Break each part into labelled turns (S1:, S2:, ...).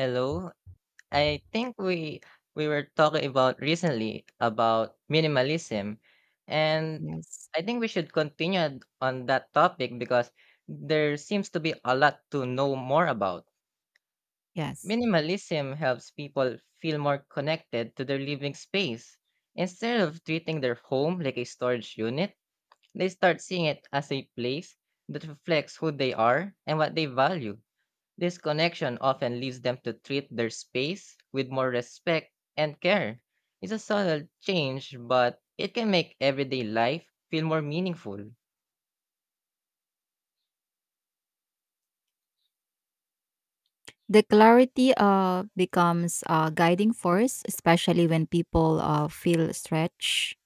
S1: Hello. I think we were talking about recently about minimalism, and
S2: Yes.
S1: I think we should continue on that topic because there seems to be a lot to know more about.
S2: Yes.
S1: Minimalism helps people feel more connected to their living space. Instead of treating their home like a storage unit, they start seeing it as a place that reflects who they are and what they value. This connection often leads them to treat their space with more respect and care. It's a subtle change, but it can make everyday life feel more meaningful.
S2: The clarity becomes a guiding force, especially when people feel stretched,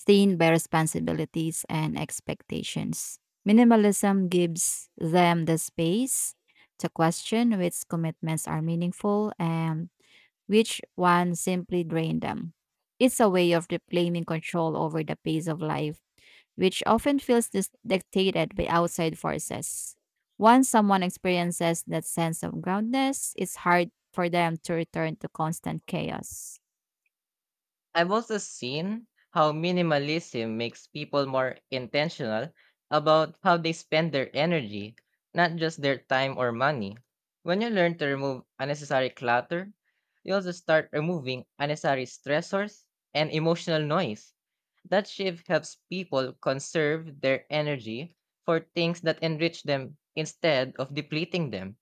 S2: seen by responsibilities and expectations. Minimalism gives them the space to question which commitments are meaningful and which ones simply drain them. It's a way of reclaiming control over the pace of life which often feels dictated by outside forces. Once someone experiences that sense of groundedness, it's hard for them to return to constant chaos.
S1: I've also seen how minimalism makes people more intentional about how they spend their energy, not just their time or money. When you learn to remove unnecessary clutter, you also start removing unnecessary stressors and emotional noise. That shift helps people conserve their energy for things that enrich them instead of depleting them.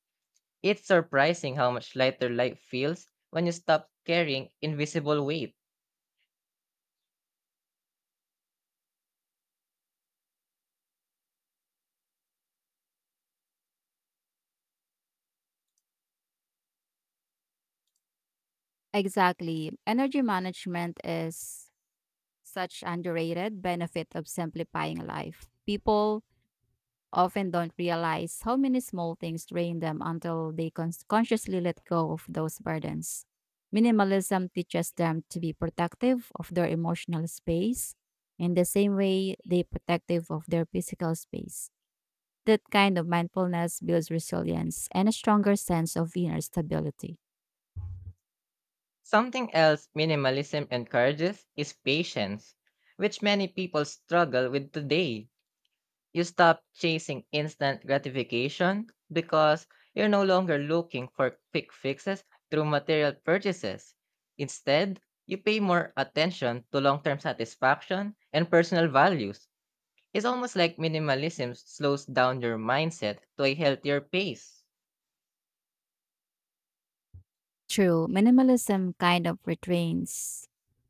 S1: It's surprising how much lighter life feels when you stop carrying invisible weight.
S2: Exactly. Energy management is such underrated benefit of simplifying life. People often don't realize how many small things drain them until they consciously let go of those burdens. Minimalism teaches them to be protective of their emotional space in the same way they protective of their physical space. That kind of mindfulness builds resilience and a stronger sense of inner stability.
S1: Something else minimalism encourages is patience, which many people struggle with today. You stop chasing instant gratification because you're no longer looking for quick fixes through material purchases. Instead, you pay more attention to long term satisfaction and personal values. It's almost like minimalism slows down your mindset to a healthier pace.
S2: True, minimalism kind of retrains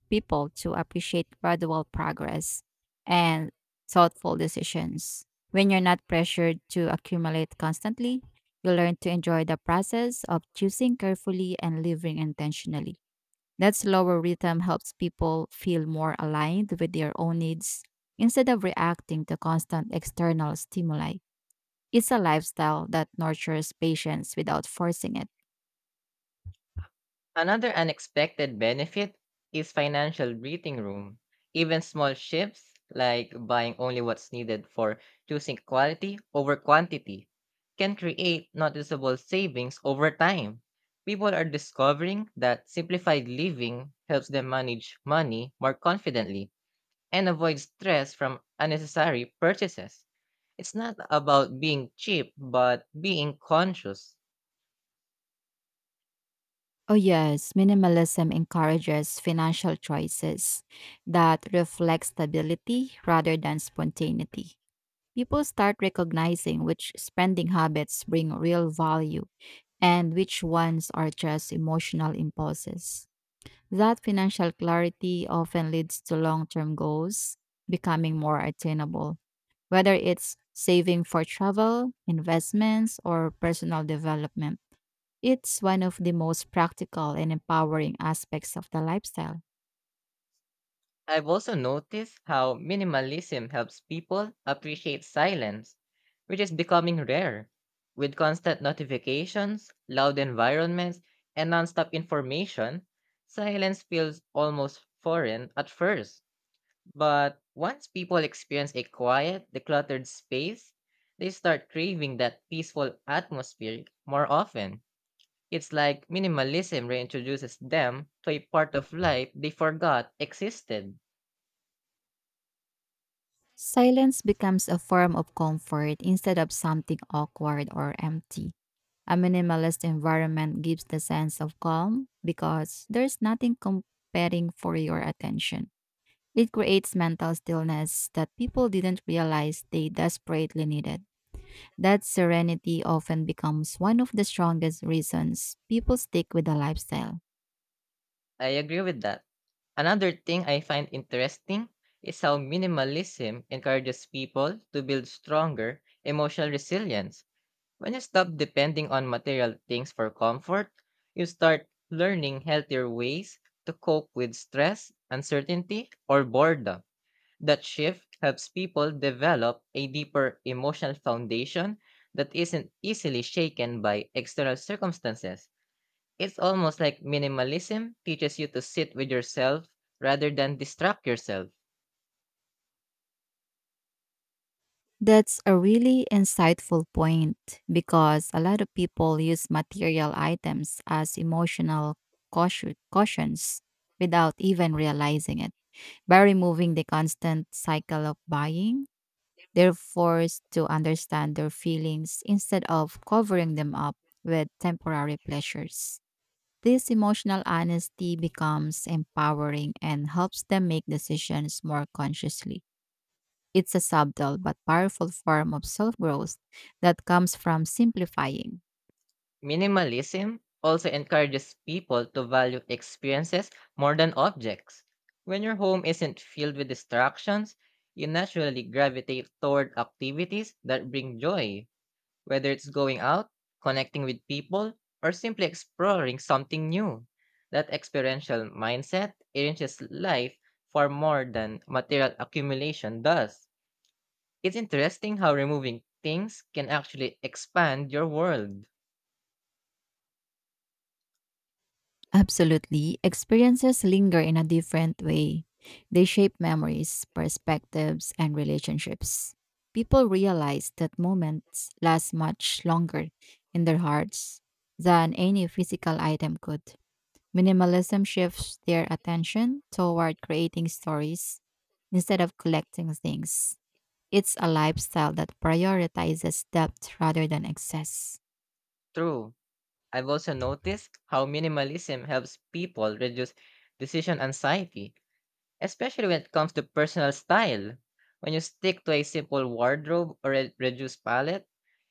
S2: people to appreciate gradual progress and thoughtful decisions. When you're not pressured to accumulate constantly, you learn to enjoy the process of choosing carefully and living intentionally. That slower rhythm helps people feel more aligned with their own needs instead of reacting to constant external stimuli. It's a lifestyle that nurtures patience without forcing it.
S1: Another unexpected benefit is financial breathing room. Even small shifts, like buying only what's needed for choosing quality over quantity, can create noticeable savings over time. People are discovering that simplified living helps them manage money more confidently and avoid stress from unnecessary purchases. It's not about being cheap, but being conscious.
S2: Oh, yes. Minimalism encourages financial choices that reflect stability rather than spontaneity. People start recognizing which spending habits bring real value and which ones are just emotional impulses. That financial clarity often leads to long term goals becoming more attainable, whether it's saving for travel, investments, or personal development. It's one of the most practical and empowering aspects of the lifestyle.
S1: I've also noticed how minimalism helps people appreciate silence, which is becoming rare. With constant notifications, loud environments, and nonstop information, silence feels almost foreign at first. But once people experience a quiet, decluttered space, they start craving that peaceful atmosphere more often. It's like minimalism reintroduces them to a part of life they forgot existed.
S2: Silence becomes a form of comfort instead of something awkward or empty. A minimalist environment gives the sense of calm because there's nothing competing for your attention. It creates mental stillness that people didn't realize they desperately needed. That serenity often becomes one of the strongest reasons people stick with the lifestyle.
S1: I agree with that. Another thing I find interesting is how minimalism encourages people to build stronger emotional resilience. When you stop depending on material things for comfort, you start learning healthier ways to cope with stress, uncertainty, or boredom. That shift helps people develop a deeper emotional foundation that isn't easily shaken by external circumstances. It's almost like minimalism teaches you to sit with yourself rather than distract yourself.
S2: That's a really insightful point because a lot of people use material items as emotional cautions without even realizing it. By removing the constant cycle of buying, they're forced to understand their feelings instead of covering them up with temporary pleasures. This emotional honesty becomes empowering and helps them make decisions more consciously. It's a subtle but powerful form of self growth that comes from simplifying.
S1: Minimalism also encourages people to value experiences more than objects. When your home isn't filled with distractions, you naturally gravitate toward activities that bring joy, whether it's going out, connecting with people, or simply exploring something new. That experiential mindset enriches life far more than material accumulation does. It's interesting how removing things can actually expand your world.
S2: Absolutely, experiences linger in a different way. They shape memories, perspectives, and relationships. People realize that moments last much longer in their hearts than any physical item could. Minimalism shifts their attention toward creating stories instead of collecting things. It's a lifestyle that prioritizes depth rather than excess.
S1: True. I've also noticed how minimalism helps people reduce decision anxiety, especially when it comes to personal style. When you stick to a simple wardrobe or a reduced palette,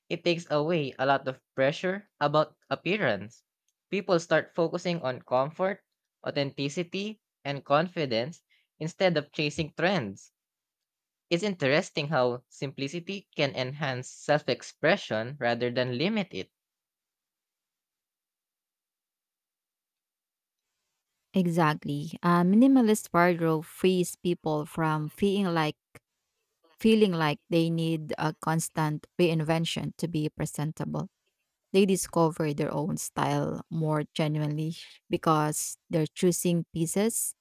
S1: it takes away a lot of pressure about appearance. People start focusing on comfort, authenticity, and confidence instead of chasing trends. It's interesting how simplicity can enhance self expression rather than limit it.
S2: Exactly. A minimalist wardrobe frees people from feeling like they need a constant reinvention to be presentable. They discover their own style more genuinely because they're choosing pieces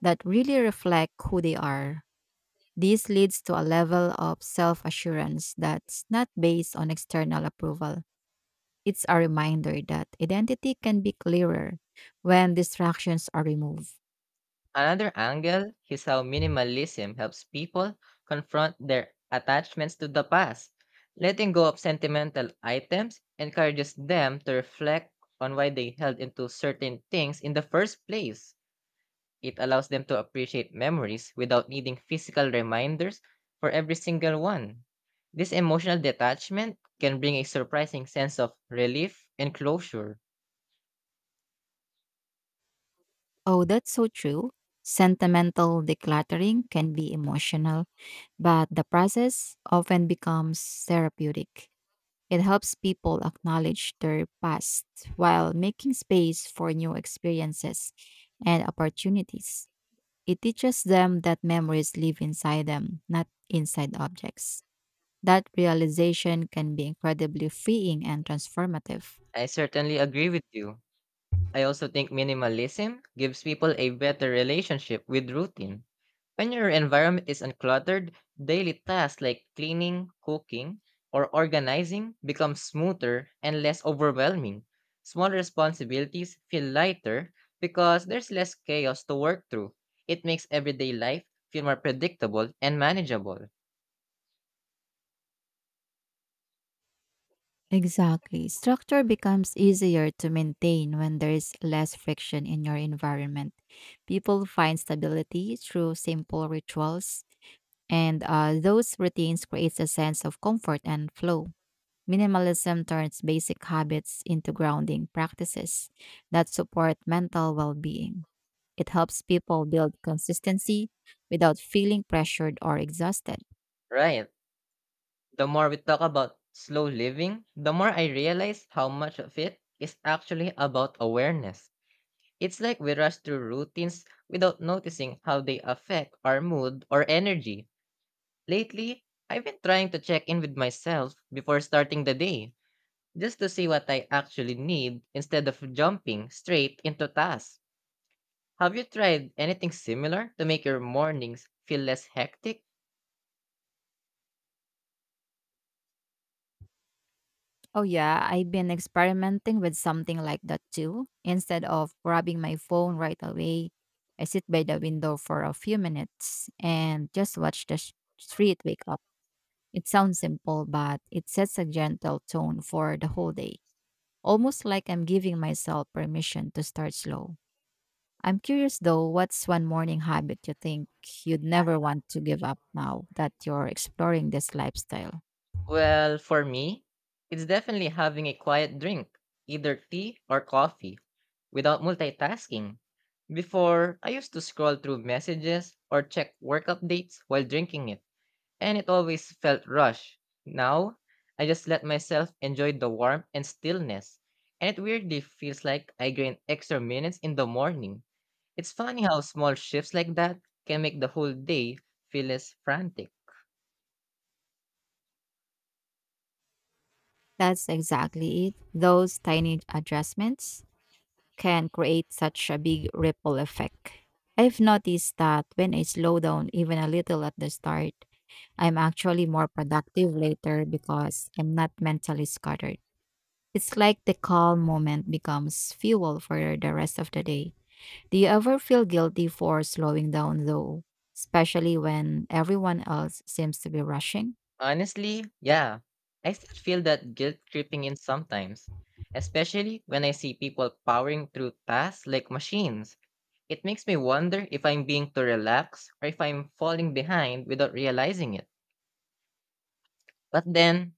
S2: that really reflect who they are. This leads to a level of self assurance that's not based on external approval. It's a reminder that identity can be clearer when distractions are removed.
S1: Another angle is how minimalism helps people confront their attachments to the past. Letting go of sentimental items encourages them to reflect on why they held into certain things in the first place. It allows them to appreciate memories without needing physical reminders for every single one. This emotional detachment can bring a surprising sense of relief and closure.
S2: Oh, that's so true. Sentimental decluttering can be emotional, but the process often becomes therapeutic. It helps people acknowledge their past while making space for new experiences and opportunities. It teaches them that memories live inside them, not inside objects. That realization can be incredibly freeing and transformative.
S1: I certainly agree with you. I also think minimalism gives people a better relationship with routine. When your environment is uncluttered, daily tasks like cleaning, cooking, or organizing become smoother and less overwhelming. Small responsibilities feel lighter because there's less chaos to work through. It makes everyday life feel more predictable and manageable.
S2: Exactly. Structure becomes easier to maintain when there is less friction in your environment. People find stability through simple rituals, and those routines creates a sense of comfort and flow. Minimalism turns basic habits into grounding practices that support mental well-being. It helps people build consistency without feeling pressured or exhausted.
S1: Right. The more we talk about slow living, the more I realize how much of it is actually about awareness. It's like we rush through routines without noticing how they affect our mood or energy. Lately, I've been trying to check in with myself before starting the day, just to see what I actually need instead of jumping straight into tasks. Have you tried anything similar to make your mornings feel less hectic?
S2: Oh, yeah, I've been experimenting with something like that too. Instead of grabbing my phone right away, I sit by the window for a few minutes and just watch the street wake up. It sounds simple, but it sets a gentle tone for the whole day, almost like I'm giving myself permission to start slow. I'm curious though, what's one morning habit you think you'd never want to give up now that you're exploring this lifestyle?
S1: Well, for me, it's definitely having a quiet drink, either tea or coffee, without multitasking. Before, I used to scroll through messages or check work updates while drinking it, and it always felt rushed. Now, I just let myself enjoy the warmth and stillness, and it weirdly feels like I gain extra minutes in the morning. It's funny how small shifts like that can make the whole day feel less frantic.
S2: That's exactly it. Those tiny adjustments can create such a big ripple effect. I've noticed that when I slow down even a little at the start, I'm actually more productive later because I'm not mentally scattered. It's like the calm moment becomes fuel for the rest of the day. Do you ever feel guilty for slowing down though, especially when everyone else seems to be rushing?
S1: Honestly, yeah, I still feel that guilt creeping in sometimes, especially when I see people powering through tasks like machines. It makes me wonder if I'm being too relaxed or if I'm falling behind without realizing it. But then,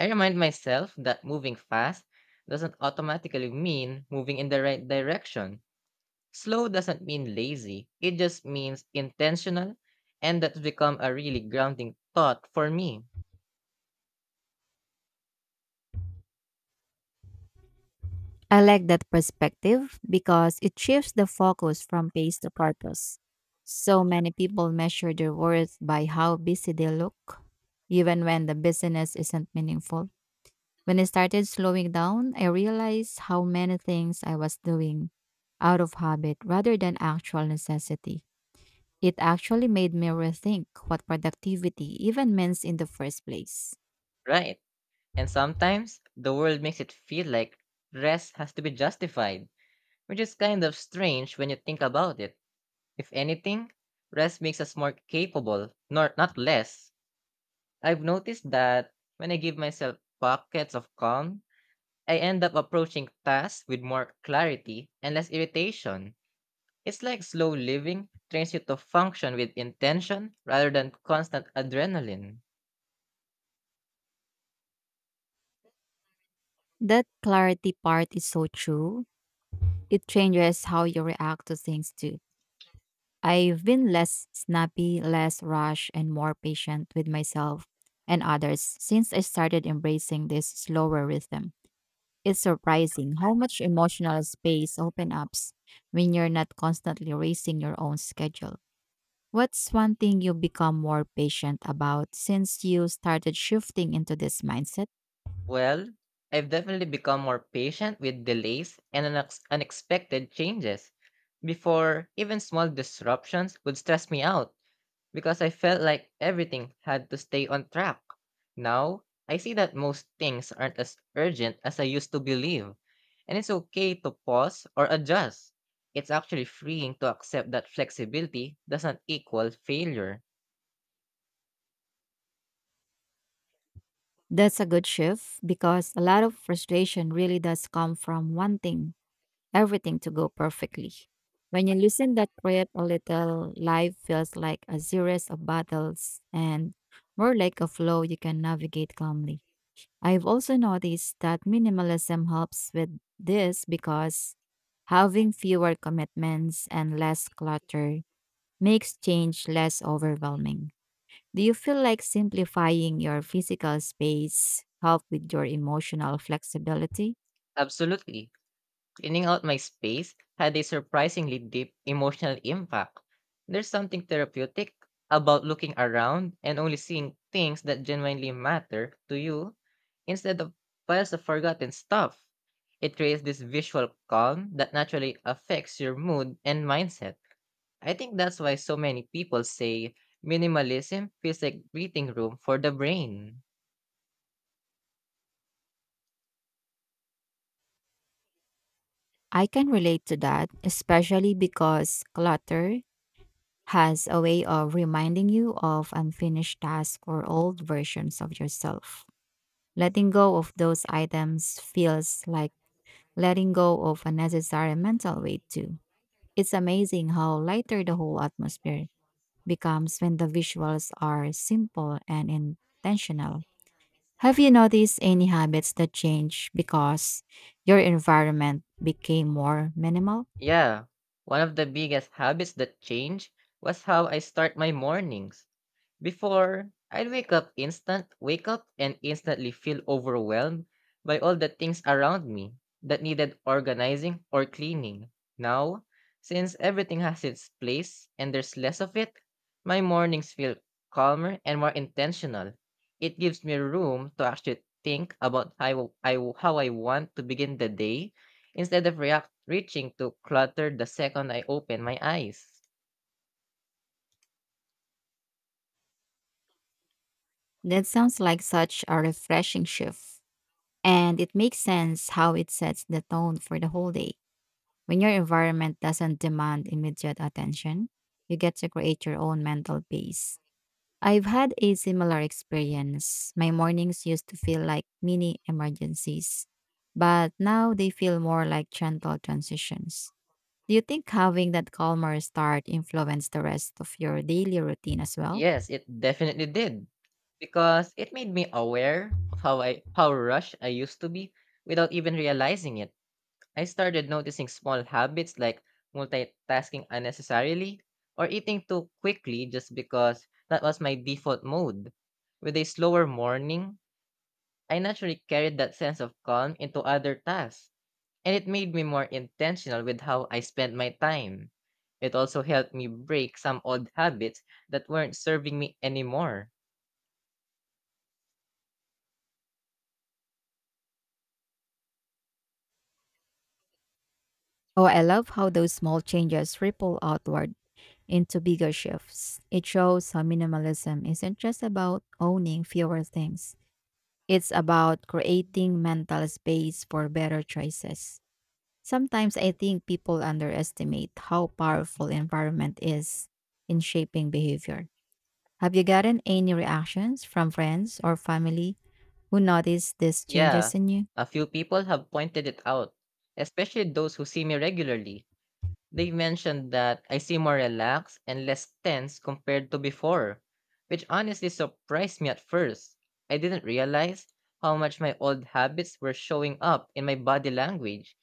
S1: I remind myself that moving fast doesn't automatically mean moving in the right direction. Slow doesn't mean lazy, it just means intentional, and that's become a really grounding thought for me,
S2: I like that perspective because it shifts the focus from pace to purpose. So many people measure their worth by how busy they look, even when the business isn't meaningful. When I started slowing down, I realized how many things I was doing out of habit rather than actual necessity. It actually made me rethink what productivity even means in the first place.
S1: right? And sometimes the world makes it feel like rest has to be justified, which is kind of strange when you think about it. If anything, rest makes us more capable, nor not less. I've noticed that when I give myself pockets of calm, I end up approaching tasks with more clarity and less irritation. It's like slow living trains you to function with intention rather than constant adrenaline.
S2: That clarity part is so true. It changes how you react to things too. I've been less snappy, less rash, and more patient with myself and others since I started embracing this slower rhythm. It's surprising how much emotional space opens up when you're not constantly racing your own schedule. What's one thing you become more patient about since you started shifting into this mindset?
S1: Well, I've definitely become more patient with delays and unexpected changes. Before, even small disruptions would stress me out because I felt like everything had to stay on track. Now, I see that most things aren't as urgent as I used to believe, and it's okay to pause or adjust. It's actually freeing to accept that flexibility doesn't equal failure.
S2: That's a good shift because a lot of frustration really does come from wanting everything to go perfectly. When you loosen that grip a little, life feels like a series of battles and more like a flow you can navigate calmly. I've also noticed that minimalism helps with this because having fewer commitments and less clutter makes change less overwhelming. Do you feel like simplifying your physical space help with your emotional flexibility?
S1: Absolutely. Cleaning out my space had a surprisingly deep emotional impact. There's something therapeutic about looking around and only seeing things that genuinely matter to you instead of piles of forgotten stuff. It creates this visual calm that naturally affects your mood and mindset. I think that's why so many people say minimalism feels like breathing room for the brain.
S2: I can relate to that, especially because clutter has a way of reminding you of unfinished tasks or old versions of yourself. Letting go of those items feels like letting go of unnecessary mental weight, too. It's amazing how lighter the whole atmosphere becomes when the visuals are simple and intentional. Have you noticed any habits that change because your environment became more minimal?
S1: Yeah, one of the biggest habits that changed was how I start my mornings. Before, I'd wake up and instantly feel overwhelmed by all the things around me that needed organizing or cleaning. Now, since everything has its place and there's less of it, my mornings feel calmer and more intentional. It gives me room to actually think about how I want to begin the day instead of react reaching to clutter the second I open my eyes.
S2: That sounds like such a refreshing shift. And it makes sense how it sets the tone for the whole day. When your environment doesn't demand immediate attention, you get to create your own mental pace. I've had a similar experience. My mornings used to feel like mini emergencies, but now they feel more like gentle transitions. Do you think having that calmer start influenced the rest of your daily routine as well?
S1: Yes, it definitely did because it made me aware of how rushed I used to be without even realizing it. I started noticing small habits like multitasking unnecessarily or eating too quickly just because that was my default mode. With a slower morning, I naturally carried that sense of calm into other tasks, and it made me more intentional with how I spent my time. It also helped me break some old habits that weren't serving me anymore.
S2: Oh, I love how those small changes ripple outward into bigger shifts. It shows how minimalism isn't just about owning fewer things, it's about creating mental space for better choices. Sometimes I think people underestimate how powerful environment is in shaping behavior. Have you gotten any reactions from friends or family who noticed these
S1: Yeah,
S2: changes in you?
S1: a few people have pointed it out, especially those who see me regularly. They mentioned that I seem more relaxed and less tense compared to before, which honestly surprised me at first. I didn't realize how much my old habits were showing up in my body language.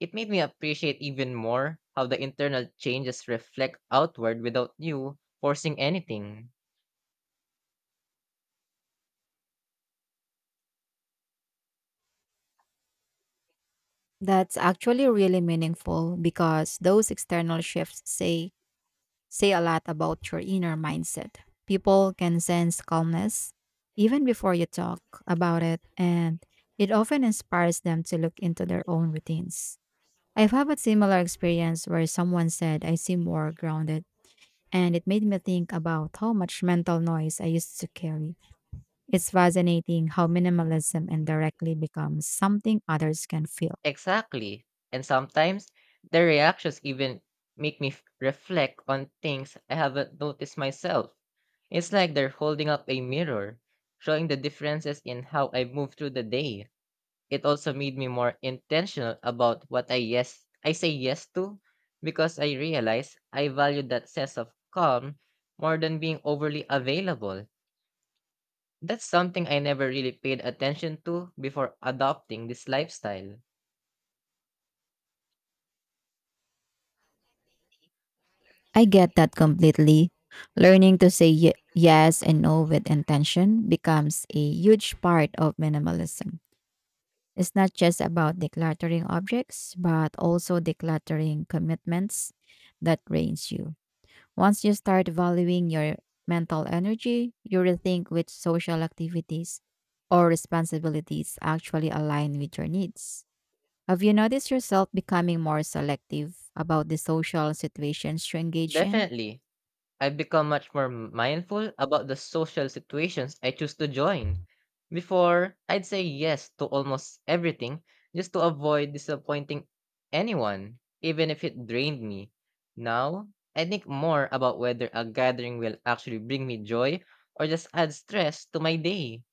S1: It made me appreciate even more how the internal changes reflect outward without you forcing anything.
S2: That's actually really meaningful because those external shifts say a lot about your inner mindset. People can sense calmness even before you talk about it, and it often inspires them to look into their own routines. I've had a similar experience where someone said, I seem more grounded, and it made me think about how much mental noise I used to carry. It's fascinating how minimalism indirectly becomes something others can feel.
S1: Exactly. And sometimes their reactions even make reflect on things I haven't noticed myself. It's like they're holding up a mirror, showing the differences in how I move through the day. It also made me more intentional about what I say yes to because I realize I value that sense of calm more than being overly available. That's something I never really paid attention to before adopting this lifestyle.
S2: I get that completely. Learning to say yes and no with intention becomes a huge part of minimalism. It's not just about decluttering objects, but also decluttering commitments that drains you. Once you start valuing your mental energy, you rethink which social activities or responsibilities actually align with your needs. Have you noticed yourself becoming more selective about the social situations you engage in?
S1: Definitely, I've become much more mindful about the social situations I choose to join. Before, I'd say yes to almost everything just to avoid disappointing anyone, even if it drained me. Now, I think more about whether a gathering will actually bring me joy or just add stress to my day.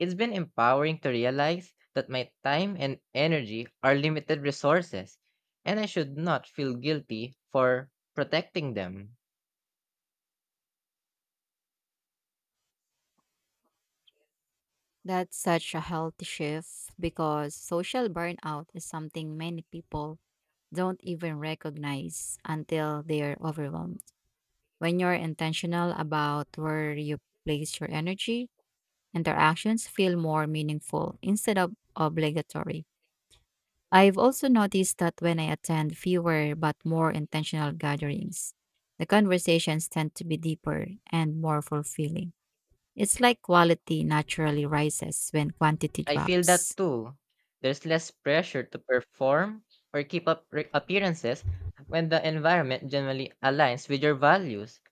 S1: It's been empowering to realize that my time and energy are limited resources, and I should not feel guilty for protecting them.
S2: That's such a healthy shift because social burnout is something many people don't even recognize until they're overwhelmed. When you're intentional about where you place your energy, interactions feel more meaningful instead of obligatory. I've also noticed that when I attend fewer but more intentional gatherings, the conversations tend to be deeper and more fulfilling. It's like quality naturally rises when quantity
S1: I feel that
S2: drops.
S1: too. There's less pressure to perform or keep up appearances when the environment generally aligns with your values.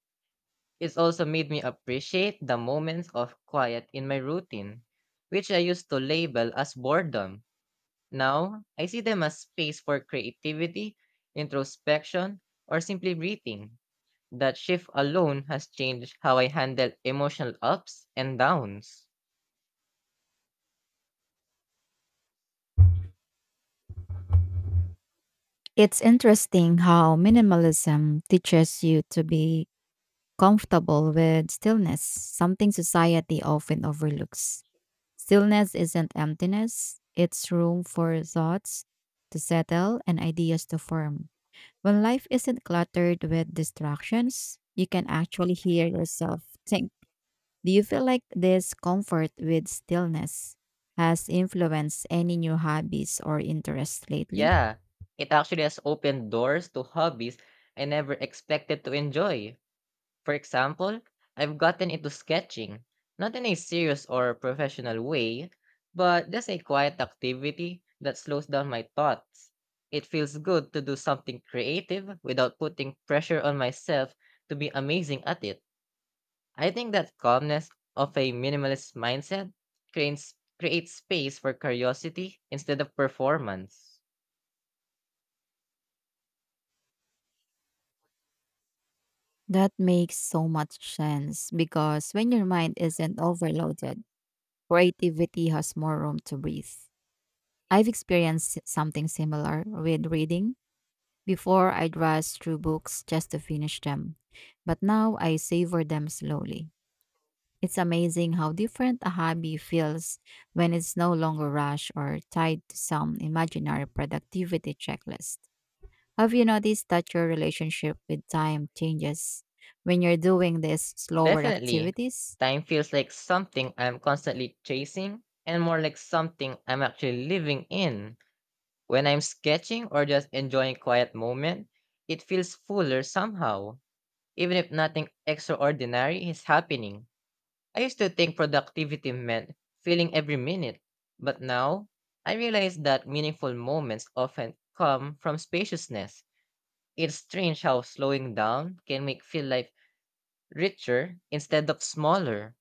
S1: It's also made me appreciate the moments of quiet in my routine, which I used to label as boredom. Now, I see them as space for creativity, introspection, or simply breathing. That shift alone has changed how I handle emotional ups and downs.
S2: It's interesting how minimalism teaches you to be comfortable with stillness, something society often overlooks. Stillness isn't emptiness, it's room for thoughts to settle and ideas to form. When life isn't cluttered with distractions, you can actually hear yourself think. Do you feel like this comfort with stillness has influenced any new hobbies or interests lately?
S1: Yeah, it actually has opened doors to hobbies I never expected to enjoy. For example, I've gotten into sketching, not in a serious or professional way, but just a quiet activity that slows down my thoughts. It feels good to do something creative without putting pressure on myself to be amazing at it. I think that calmness of a minimalist mindset creates, creates space for curiosity instead of performance.
S2: That makes so much sense because when your mind isn't overloaded, creativity has more room to breathe. I've experienced something similar with reading. Before, I'd rush through books just to finish them, but now I savor them slowly. It's amazing how different a hobby feels when it's no longer rushed or tied to some imaginary productivity checklist. Have you noticed that your relationship with time changes when you're doing these slower
S1: Definitely.
S2: activities?
S1: Time feels like something I'm constantly chasing and more like something I'm actually living in. When I'm sketching or just enjoying quiet moment, it feels fuller somehow, even if nothing extraordinary is happening. I used to think productivity meant feeling every minute, but now I realize that meaningful moments often come from spaciousness. It's strange how slowing down can make feel life richer instead of smaller.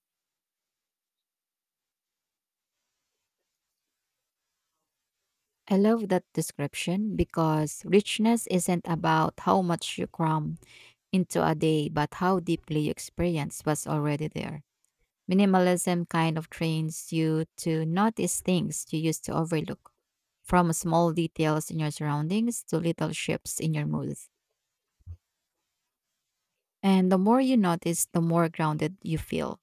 S2: I love that description because richness isn't about how much you cram into a day, but how deeply you experience what's already there. Minimalism kind of trains you to notice things you used to overlook, from small details in your surroundings to little shifts in your mood. And the more you notice, the more grounded you feel.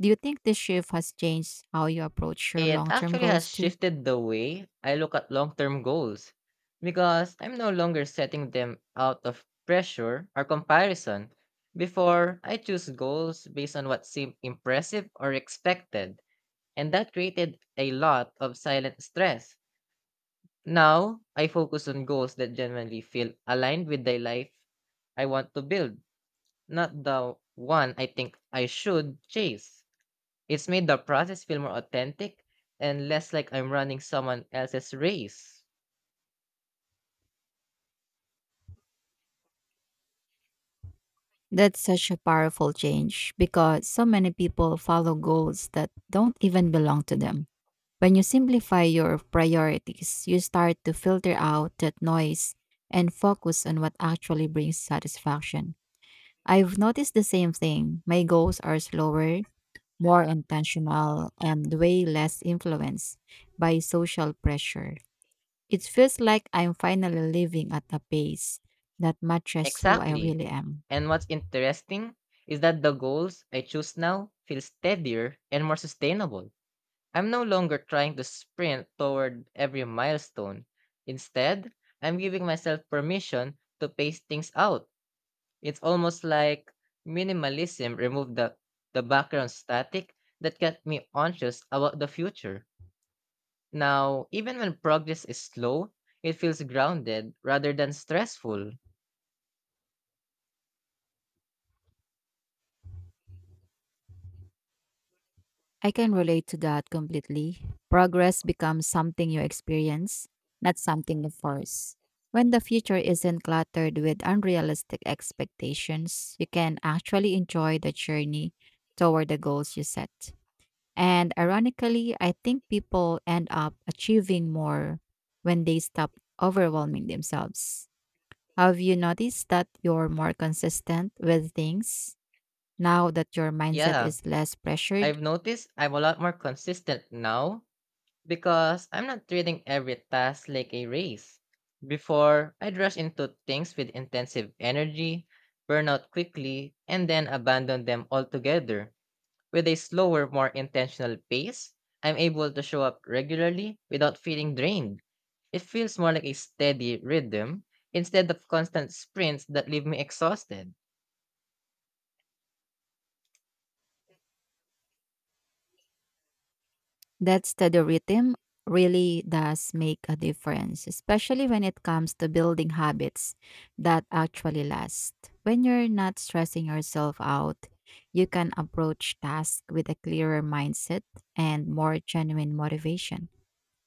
S2: Do you think this shift has changed how you approach your
S1: It
S2: long term
S1: actually has
S2: goals too?
S1: shifted the way I look at long term goals because I'm no longer setting them out of pressure or comparison. Before, I choose goals based on what seemed impressive or expected, and that created a lot of silent stress. Now, I focus on goals that genuinely feel aligned with the life I want to build, not the one I think I should chase. It's made the process feel more authentic and less like I'm running someone else's race.
S2: That's such a powerful change because so many people follow goals that don't even belong to them. When you simplify your priorities, you start to filter out that noise and focus on what actually brings satisfaction. I've noticed the same thing. My goals are slower, more intentional, and way less influenced by social pressure. It feels like I'm finally living at a pace that matches who I
S1: Exactly.
S2: really am.
S1: And what's interesting is that the goals I choose now feel steadier and more sustainable. I'm no longer trying to sprint toward every milestone. Instead, I'm giving myself permission to pace things out. It's almost like minimalism removed the background static that kept me anxious about the future. Now, even when progress is slow, it feels grounded rather than stressful.
S2: I can relate to that completely. Progress becomes something you experience, not something you force. When the future isn't cluttered with unrealistic expectations, you can actually enjoy the journey toward the goals you set. And ironically, I think people end up achieving more when they stop overwhelming themselves. Have you noticed that you're more consistent with things now that your mindset
S1: Yeah,
S2: is less pressured?
S1: I've noticed I'm a lot more consistent now because I'm not treating every task like a race. Before, I'd rush into things with intensive energy, burn out quickly, and then abandon them altogether. With a slower, more intentional pace, I'm able to show up regularly without feeling drained. It feels more like a steady rhythm instead of constant sprints that leave me exhausted.
S2: That steady rhythm really does make a difference, especially when it comes to building habits that actually last. When you're not stressing yourself out, you can approach tasks with a clearer mindset and more genuine motivation.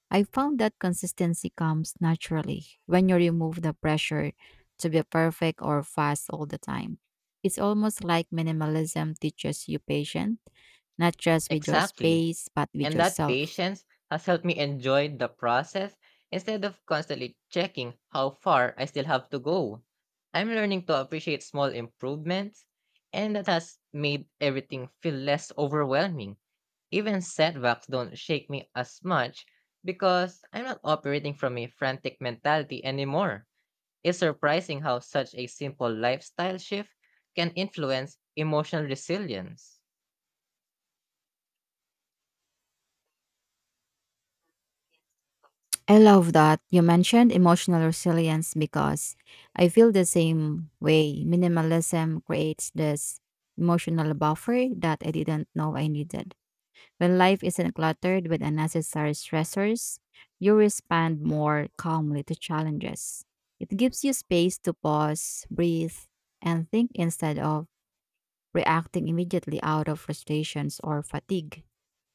S2: I found that consistency comes naturally when you remove the pressure to be perfect or fast all the time. It's almost like minimalism teaches you patience, not just with your
S1: Exactly.
S2: space, but with
S1: And that
S2: yourself.
S1: patience has helped me enjoy the process instead of constantly checking how far I still have to go. I'm learning to appreciate small improvements, and that has made everything feel less overwhelming. Even setbacks don't shake me as much because I'm not operating from a frantic mentality anymore. It's surprising how such a simple lifestyle shift can influence emotional resilience.
S2: I love that you mentioned emotional resilience because I feel the same way. Minimalism creates this emotional buffer that I didn't know I needed. When life isn't cluttered with unnecessary stressors, you respond more calmly to challenges. It gives you space to pause, breathe, and think instead of reacting immediately out of frustrations or fatigue.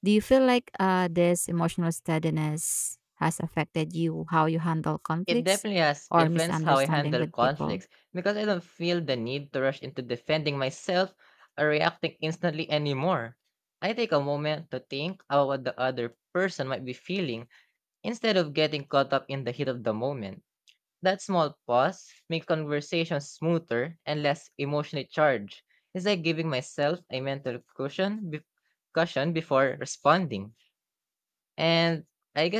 S2: Do you feel like this emotional steadiness has affected you, how you handle
S1: It
S2: conflicts
S1: definitely has
S2: or
S1: influenced how I
S2: misunderstanding
S1: handle
S2: with people?
S1: conflicts because I don't feel the need to rush into defending myself or reacting instantly anymore. I take a moment to think about what the other person might be feeling instead of getting caught up in the heat of the moment. That small pause makes conversations smoother and less emotionally charged. It's like giving myself a mental cushion before responding. And I